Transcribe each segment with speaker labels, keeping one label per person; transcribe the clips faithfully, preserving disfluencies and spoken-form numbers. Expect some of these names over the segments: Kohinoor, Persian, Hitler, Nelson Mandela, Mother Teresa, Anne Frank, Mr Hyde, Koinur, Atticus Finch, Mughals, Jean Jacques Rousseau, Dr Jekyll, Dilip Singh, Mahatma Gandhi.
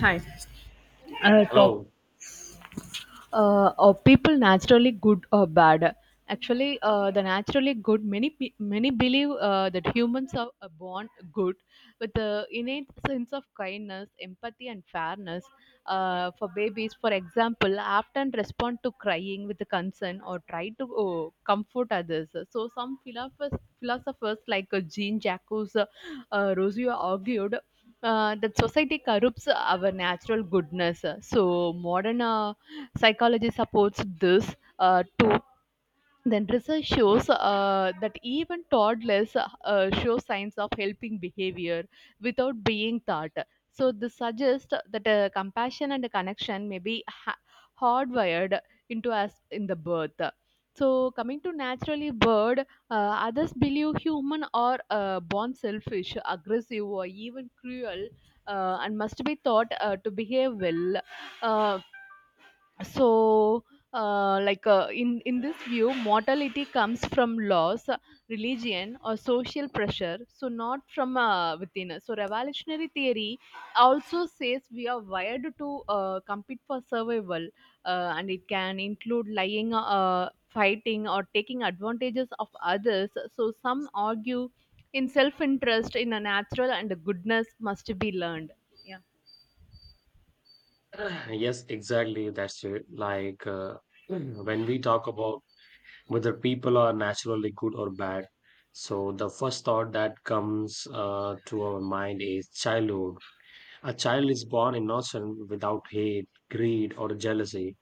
Speaker 1: Hi. Uh, top
Speaker 2: Hello.
Speaker 1: uh, Are people naturally good or bad? Actually, uh, the naturally good, many pe- many believe uh, that humans are are born good with the innate sense of kindness, empathy, and fairness. Uh, for babies, for example, often respond to crying with concern or try to oh, comfort others. So some philosophers, philosophers like uh, Jean Jacques uh, uh, Rousseau argued uh, that society corrupts our natural goodness. So modern uh, psychology supports this uh, too. Then research shows uh, that even toddlers uh, show signs of helping behavior without being taught. So this suggests that uh, compassion and connection may be ha- hardwired into us in the birth. So coming to naturally bird, uh, others believe human are uh, born selfish, aggressive, or even cruel, uh, and must be taught uh, to behave well. Uh, so uh, like uh, in in this view mortality comes from laws, uh, religion, or social pressure, so not from uh, within us. So revolutionary theory also says we are wired to uh, compete for survival, uh, and it can include lying, uh, fighting, or taking advantages of others. So some argue in self interest in a natural and goodness must be learned. Yeah.
Speaker 2: Yes, exactly. That's it. Like uh, when we talk about whether people are naturally good or bad, so the first thought that comes uh, to our mind is childhood. A child is born innocent without hate, greed, or jealousy.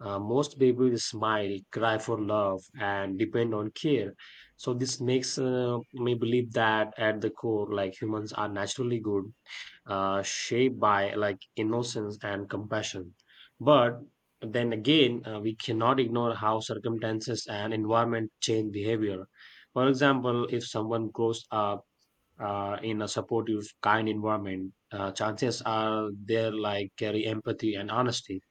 Speaker 2: Uh, most babies smile, cry for love, and depend on care. So this makes uh, me believe that at the core, like humans are naturally good uh, shaped by like innocence and compassion. But then again, uh, we cannot ignore how circumstances and environment change behavior. For example, if someone grows up uh, in a supportive, kind environment, uh, chances are they're like carry empathy and honesty,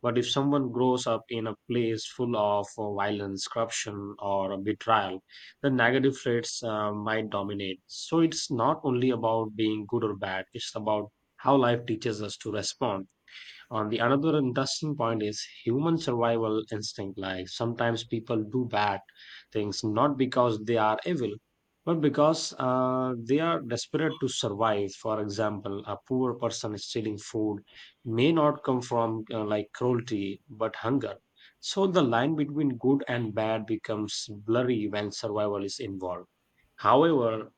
Speaker 2: but if someone grows up in a place full of uh, violence, corruption, or betrayal, the negative traits uh, might dominate. So it's not only about being good or bad, it's about how life teaches us to respond. On the another interesting point is human survival instinct. Like sometimes people do bad things not because they are evil, but because uh, they are desperate to survive. For example, a poor person stealing food may not come from uh, like cruelty but hunger. So the line between good and bad becomes blurry when survival is involved. However,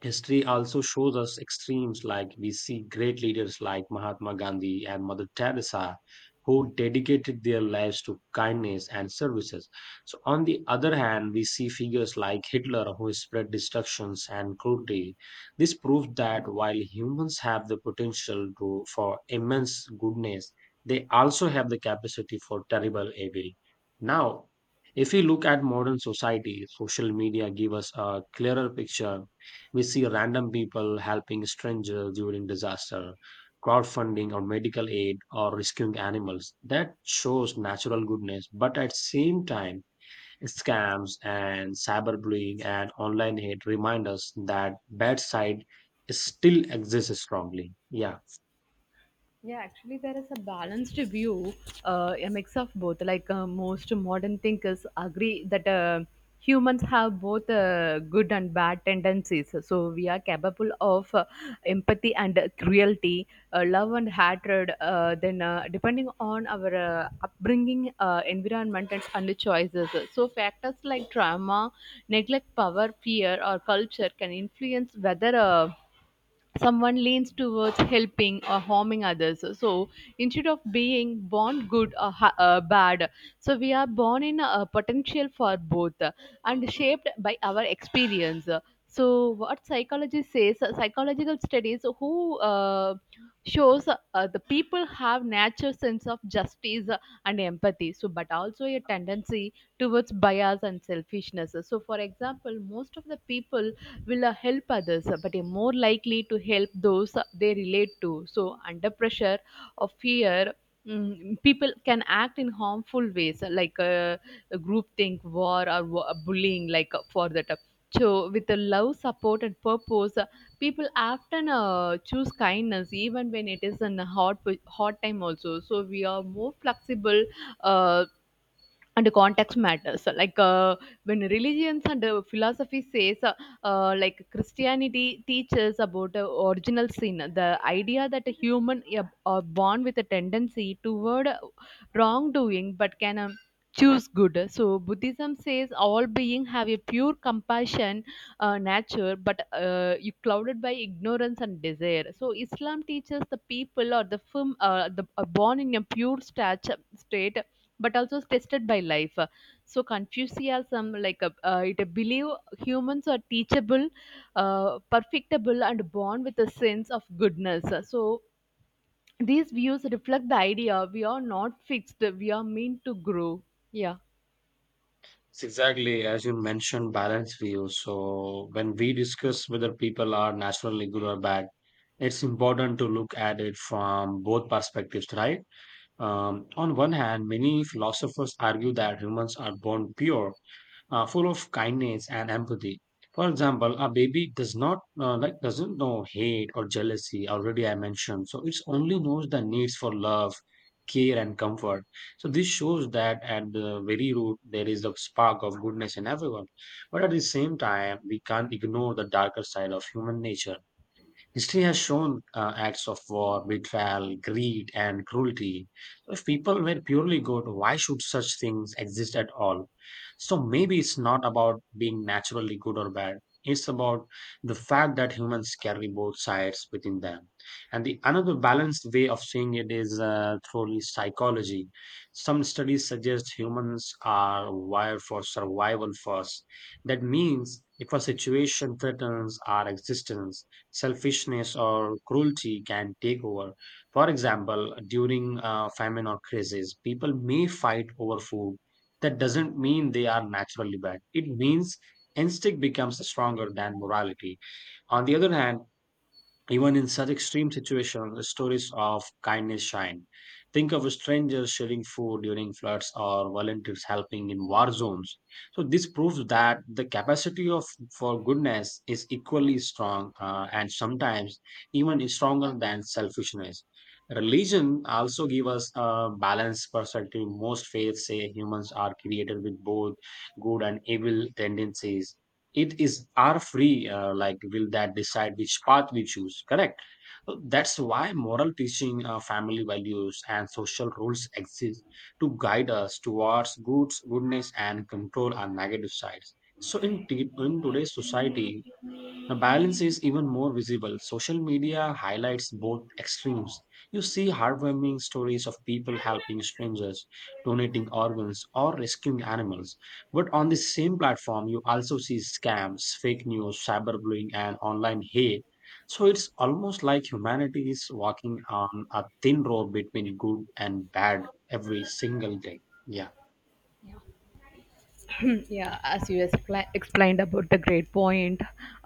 Speaker 2: history also shows us extremes like we see great leaders like Mahatma Gandhi and Mother Teresa who dedicated their lives to kindness and services. So, on the other hand, we see figures like Hitler who spread destructions and cruelty. This proves that while humans have the potential to, for immense goodness, they also have the capacity for terrible evil. Now, if we look at modern society, social media give us a clearer picture. We see random people helping strangers during disaster, crowdfunding or medical aid, or rescuing animals. That shows natural goodness, but at same time, scams and cyberbullying and online hate remind us that bad side still exists strongly. Yeah.
Speaker 1: Yeah, actually, there is a balanced view, uh, a mix of both. Like, uh, most modern thinkers agree that uh, humans have both uh, good and bad tendencies. So we are capable of uh, empathy and cruelty, uh, love and hatred. Uh, then, uh, depending on our uh, upbringing, uh, environment, and, and the choices. So factors like trauma, neglect, power, fear, or culture can influence whether. Uh, someone leans towards helping or harming others, so instead of being born good or ha- uh, bad, so we are born in a potential for both, uh, and shaped by our experience. So what psychology says, uh, psychological studies who uh, shows uh, the people have natural sense of justice uh, and empathy, so but also a tendency towards bias and selfishness. So for example, most of the people will uh, help others, but are more likely to help those they relate to. So, under pressure or fear, mm, people can act in harmful ways like uh, groupthink, war, or wa- uh, bullying, like uh, for that. So, with the love, support, and purpose, uh, people often uh, choose kindness even when it is in a hard, po- hard time also. So, we are more flexible uh, and context matters. So, like, uh, when religions and uh, philosophy says, uh, uh, like Christianity teaches about uh, original sin, the idea that a human ab- are born with a tendency toward uh, wrongdoing but can um, choose good. So Buddhism says all being have a pure compassion uh, nature, but uh, you clouded by ignorance and desire. So Islam teaches the people or the firm, uh, the are born in a pure stat- state but also tested by life. So Confucianism, like, uh, uh, it believe humans are teachable, uh, perfectible, and born with a sense of goodness. So these views reflect the idea we are not fixed; we are meant to grow. Yeah.
Speaker 2: It's exactly, as you mentioned, balance view. So when we discuss whether people are naturally good or bad, it's important to look at it from both perspectives, right? Um, on one hand, many philosophers argue that humans are born pure, uh, full of kindness and empathy. For example, a baby does not uh, like doesn't know hate or jealousy. Already, I mentioned, so it only knows the needs for love, care, and comfort. So this shows that at the very root there is a spark of goodness in everyone. But at the same time, we can't ignore the darker side of human nature. History has shown uh, acts of war, betrayal, greed, and cruelty. If people were purely good, why should such things exist at all? So maybe it's not about being naturally good or bad. It's about the fact that humans carry both sides within them. And the another balanced way of seeing it is uh, through psychology. Some studies suggest humans are wired for survival first. That means if a situation threatens our existence, selfishness or cruelty can take over. For example, during uh, famine or crisis, people may fight over food. That doesn't mean they are naturally bad. It means instinct becomes stronger than morality. On the other hand, even in such extreme situations, the stories of kindness shine. Think of strangers sharing food during floods or volunteers helping in war zones. So this proves that the capacity of for goodness is equally strong uh, and sometimes even stronger than selfishness. Religion also gives us a balanced perspective. Most faiths say humans are created with both good and evil tendencies. It is our free uh, like will that decide which path we choose, correct? So that's why moral teaching, uh, family values and social rules exist to guide us towards goods goodness and control our negative sides. So in, t- in today's society the balance is even more visible. Social media highlights both extremes. You see heartwarming stories of people helping strangers, donating organs, or rescuing animals. But on the same platform, you also see scams, fake news, cyberbullying, and online hate. So it's almost like humanity is walking on a thin rope between good and bad every single day. Yeah.
Speaker 1: Yeah, as you expla explained about the great point,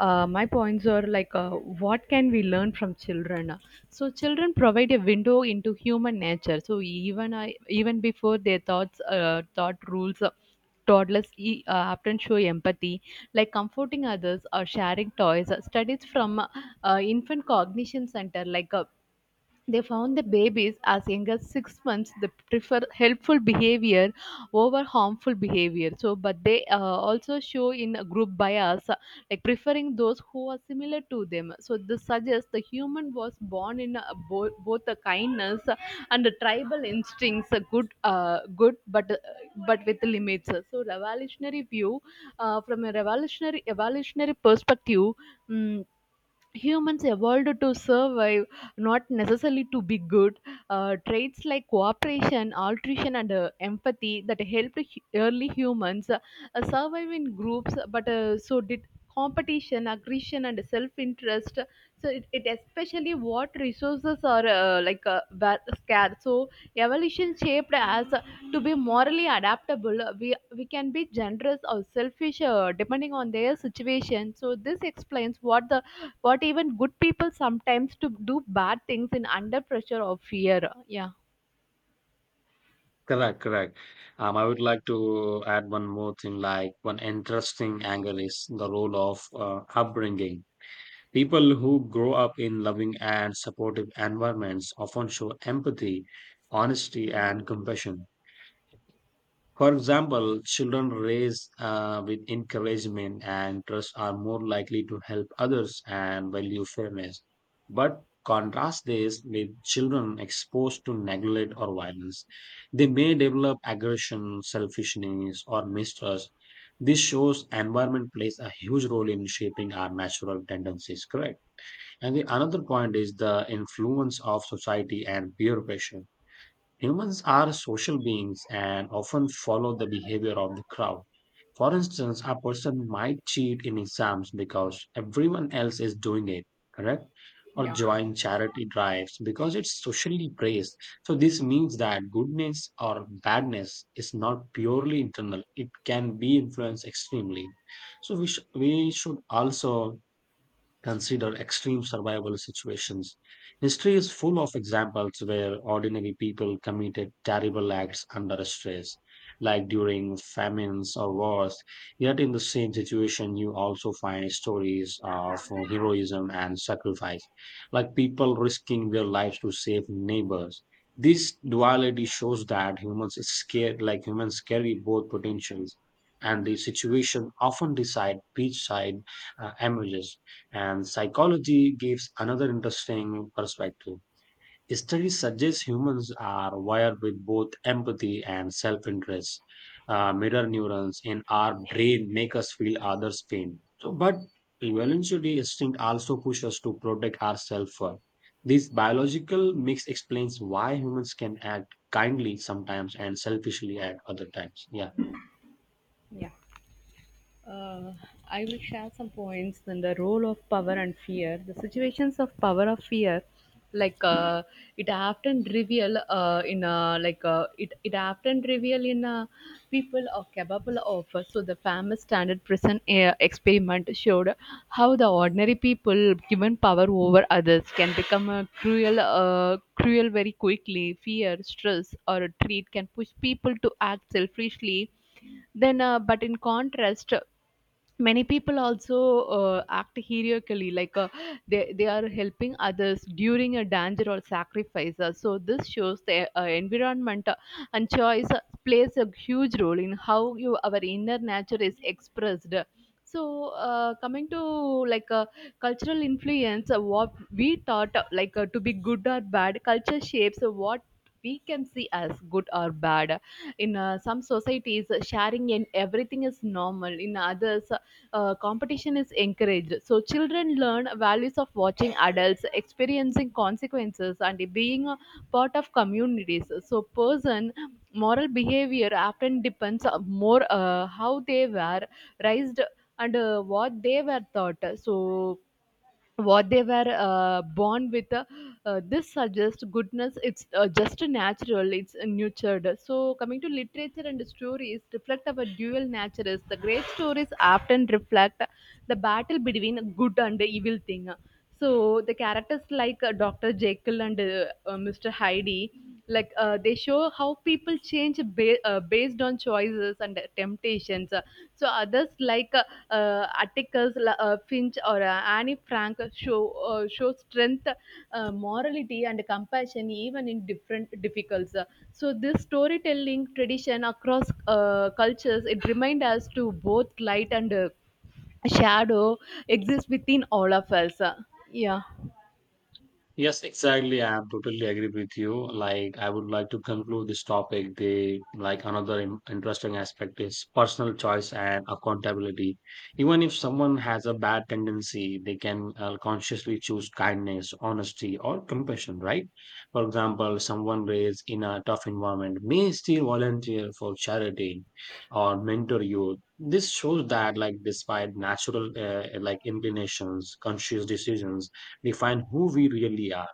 Speaker 1: uh, my points are like, uh, what can we learn from children? So children provide a window into human nature, so even I, even before their thoughts uh, thought rules, uh, toddlers e- uh, often show empathy, like comforting others or sharing toys. Uh, studies from uh, infant cognition center, like, uh, they found that babies as young as six months they prefer helpful behavior over harmful behavior. So, but they uh, also show in a group bias, uh, like preferring those who are similar to them. So, this suggests the human was born in a, bo- both a kindness uh, and a tribal instincts, a good, uh, good, but uh, but with limits. So, revolutionary view, uh, from a revolutionary evolutionary perspective. mm Humans evolved to survive, not necessarily to be good. Uh, traits like cooperation, altruism, and uh, empathy that helped hu- early humans uh, survive in groups, but uh, so did competition, aggression, and self interest, so it, it especially what resources are, uh, like uh, va- scarce. So evolution shaped as uh, to be morally adaptable. Uh, we we can be generous or selfish uh, depending on their situation. So this explains what the, what even good people sometimes to do bad things in under pressure or fear. Yeah.
Speaker 2: Correct, correct. Um, I would like to add one more thing, like one interesting angle is the role of uh, upbringing. People who grow up in loving and supportive environments often show empathy, honesty, and compassion. For example, children raised uh, with encouragement and trust are more likely to help others and value fairness. But contrast this with children exposed to neglect or violence. They may develop aggression, selfishness, or mistrust. This shows environment plays a huge role in shaping our natural tendencies, correct? And the another point is the influence of society and peer pressure. Humans are social beings and often follow the behavior of the crowd. For instance, a person might cheat in exams because everyone else is doing it, correct? Or
Speaker 1: Yeah,
Speaker 2: join charity drives because it's socially praised. So, this means that goodness or badness is not purely internal, it can be influenced extremely. So, we, sh- we should also consider extreme survival situations. History is full of examples where ordinary people committed terrible acts under stress, like during famines or wars. Yet, in the same situation, you also find stories of heroism and sacrifice, like people risking their lives to save neighbors. This duality shows that humans scared, like humans carry both potentials, and the situation often decide which side uh, emerges. And psychology gives another interesting perspective. Studies suggest humans are wired with both empathy and self interest. Uh, mirror neurons in our brain make us feel others' pain. So, but evolutionary instinct also pushes us to protect ourselves first. This biological mix explains why humans can act kindly sometimes and selfishly at other times. Yeah.
Speaker 1: yeah. Uh, I will share some points on the role of power and fear. The situations of power of fear, like, uh, it often reveal uh, in uh, like uh, it it often reveal in, uh, people are capable of. uh, So the famous standard prison uh, experiment showed how the ordinary people given power over others can become uh, cruel, uh, cruel very quickly. Fear, stress, or a treat can push people to act selfishly, then uh, but in contrast many people also uh, act heroically, like, uh, they, they are helping others during a danger or sacrifice. Uh, so this shows the uh, environment uh, and choice uh, plays a huge role in how you our inner nature is expressed. So uh, coming to, like, uh, cultural influence, uh, what we thought, uh, like uh, to be good or bad. Culture shapes uh, what we can see as good or bad. In uh, some societies, uh, sharing and everything is normal, in others uh, competition is encouraged. So children learn values of watching adults, experiencing consequences, and being a part of communities. So person moral behavior often depends on more, uh, how they were raised and uh, what they were taught. So what they were uh, born with, uh, uh, this suggests goodness it's uh, just natural it's nurtured. So coming to literature and stories reflect our dual natures, the great stories often reflect the battle between good and evil thing. So the characters like uh, Dr. Jekyll and uh, uh, Mr. Hyde, like, uh, they show how people change ba- uh, based on choices and temptations. Uh, so others like uh, uh, Atticus La- uh, Finch or uh, Annie Frank show, uh, show strength, uh, morality, and compassion even in different difficulties. Uh, so this storytelling tradition across uh, cultures, it reminds us to both light and uh, shadow exists within all of us. Uh, yeah.
Speaker 2: Yes, exactly. I am totally agree with you. Like, I would like to conclude this topic. The like another in- interesting aspect is personal choice and accountability. Even if someone has a bad tendency, they can uh, consciously choose kindness, honesty, or compassion. Right? For example, someone raised in a tough environment may still volunteer for charity or mentor youth. This shows that, like, despite natural uh, like inclinations, conscious decisions define who we really are.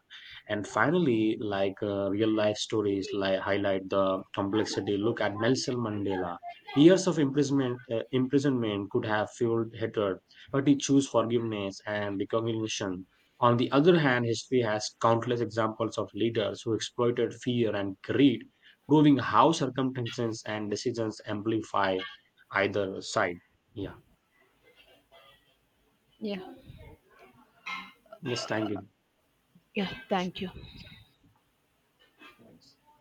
Speaker 2: And finally, like uh, real life stories like highlight the complexity. Look at Nelson Mandela. Years of imprisonment, uh, imprisonment could have fueled hatred, but he chose forgiveness and recognition. On the other hand, history has countless examples of leaders who exploited fear and greed, proving how circumstances and decisions amplify either side. Yeah.
Speaker 1: Yeah,
Speaker 2: Yes, thank
Speaker 1: yeah, thank you.
Speaker 2: you.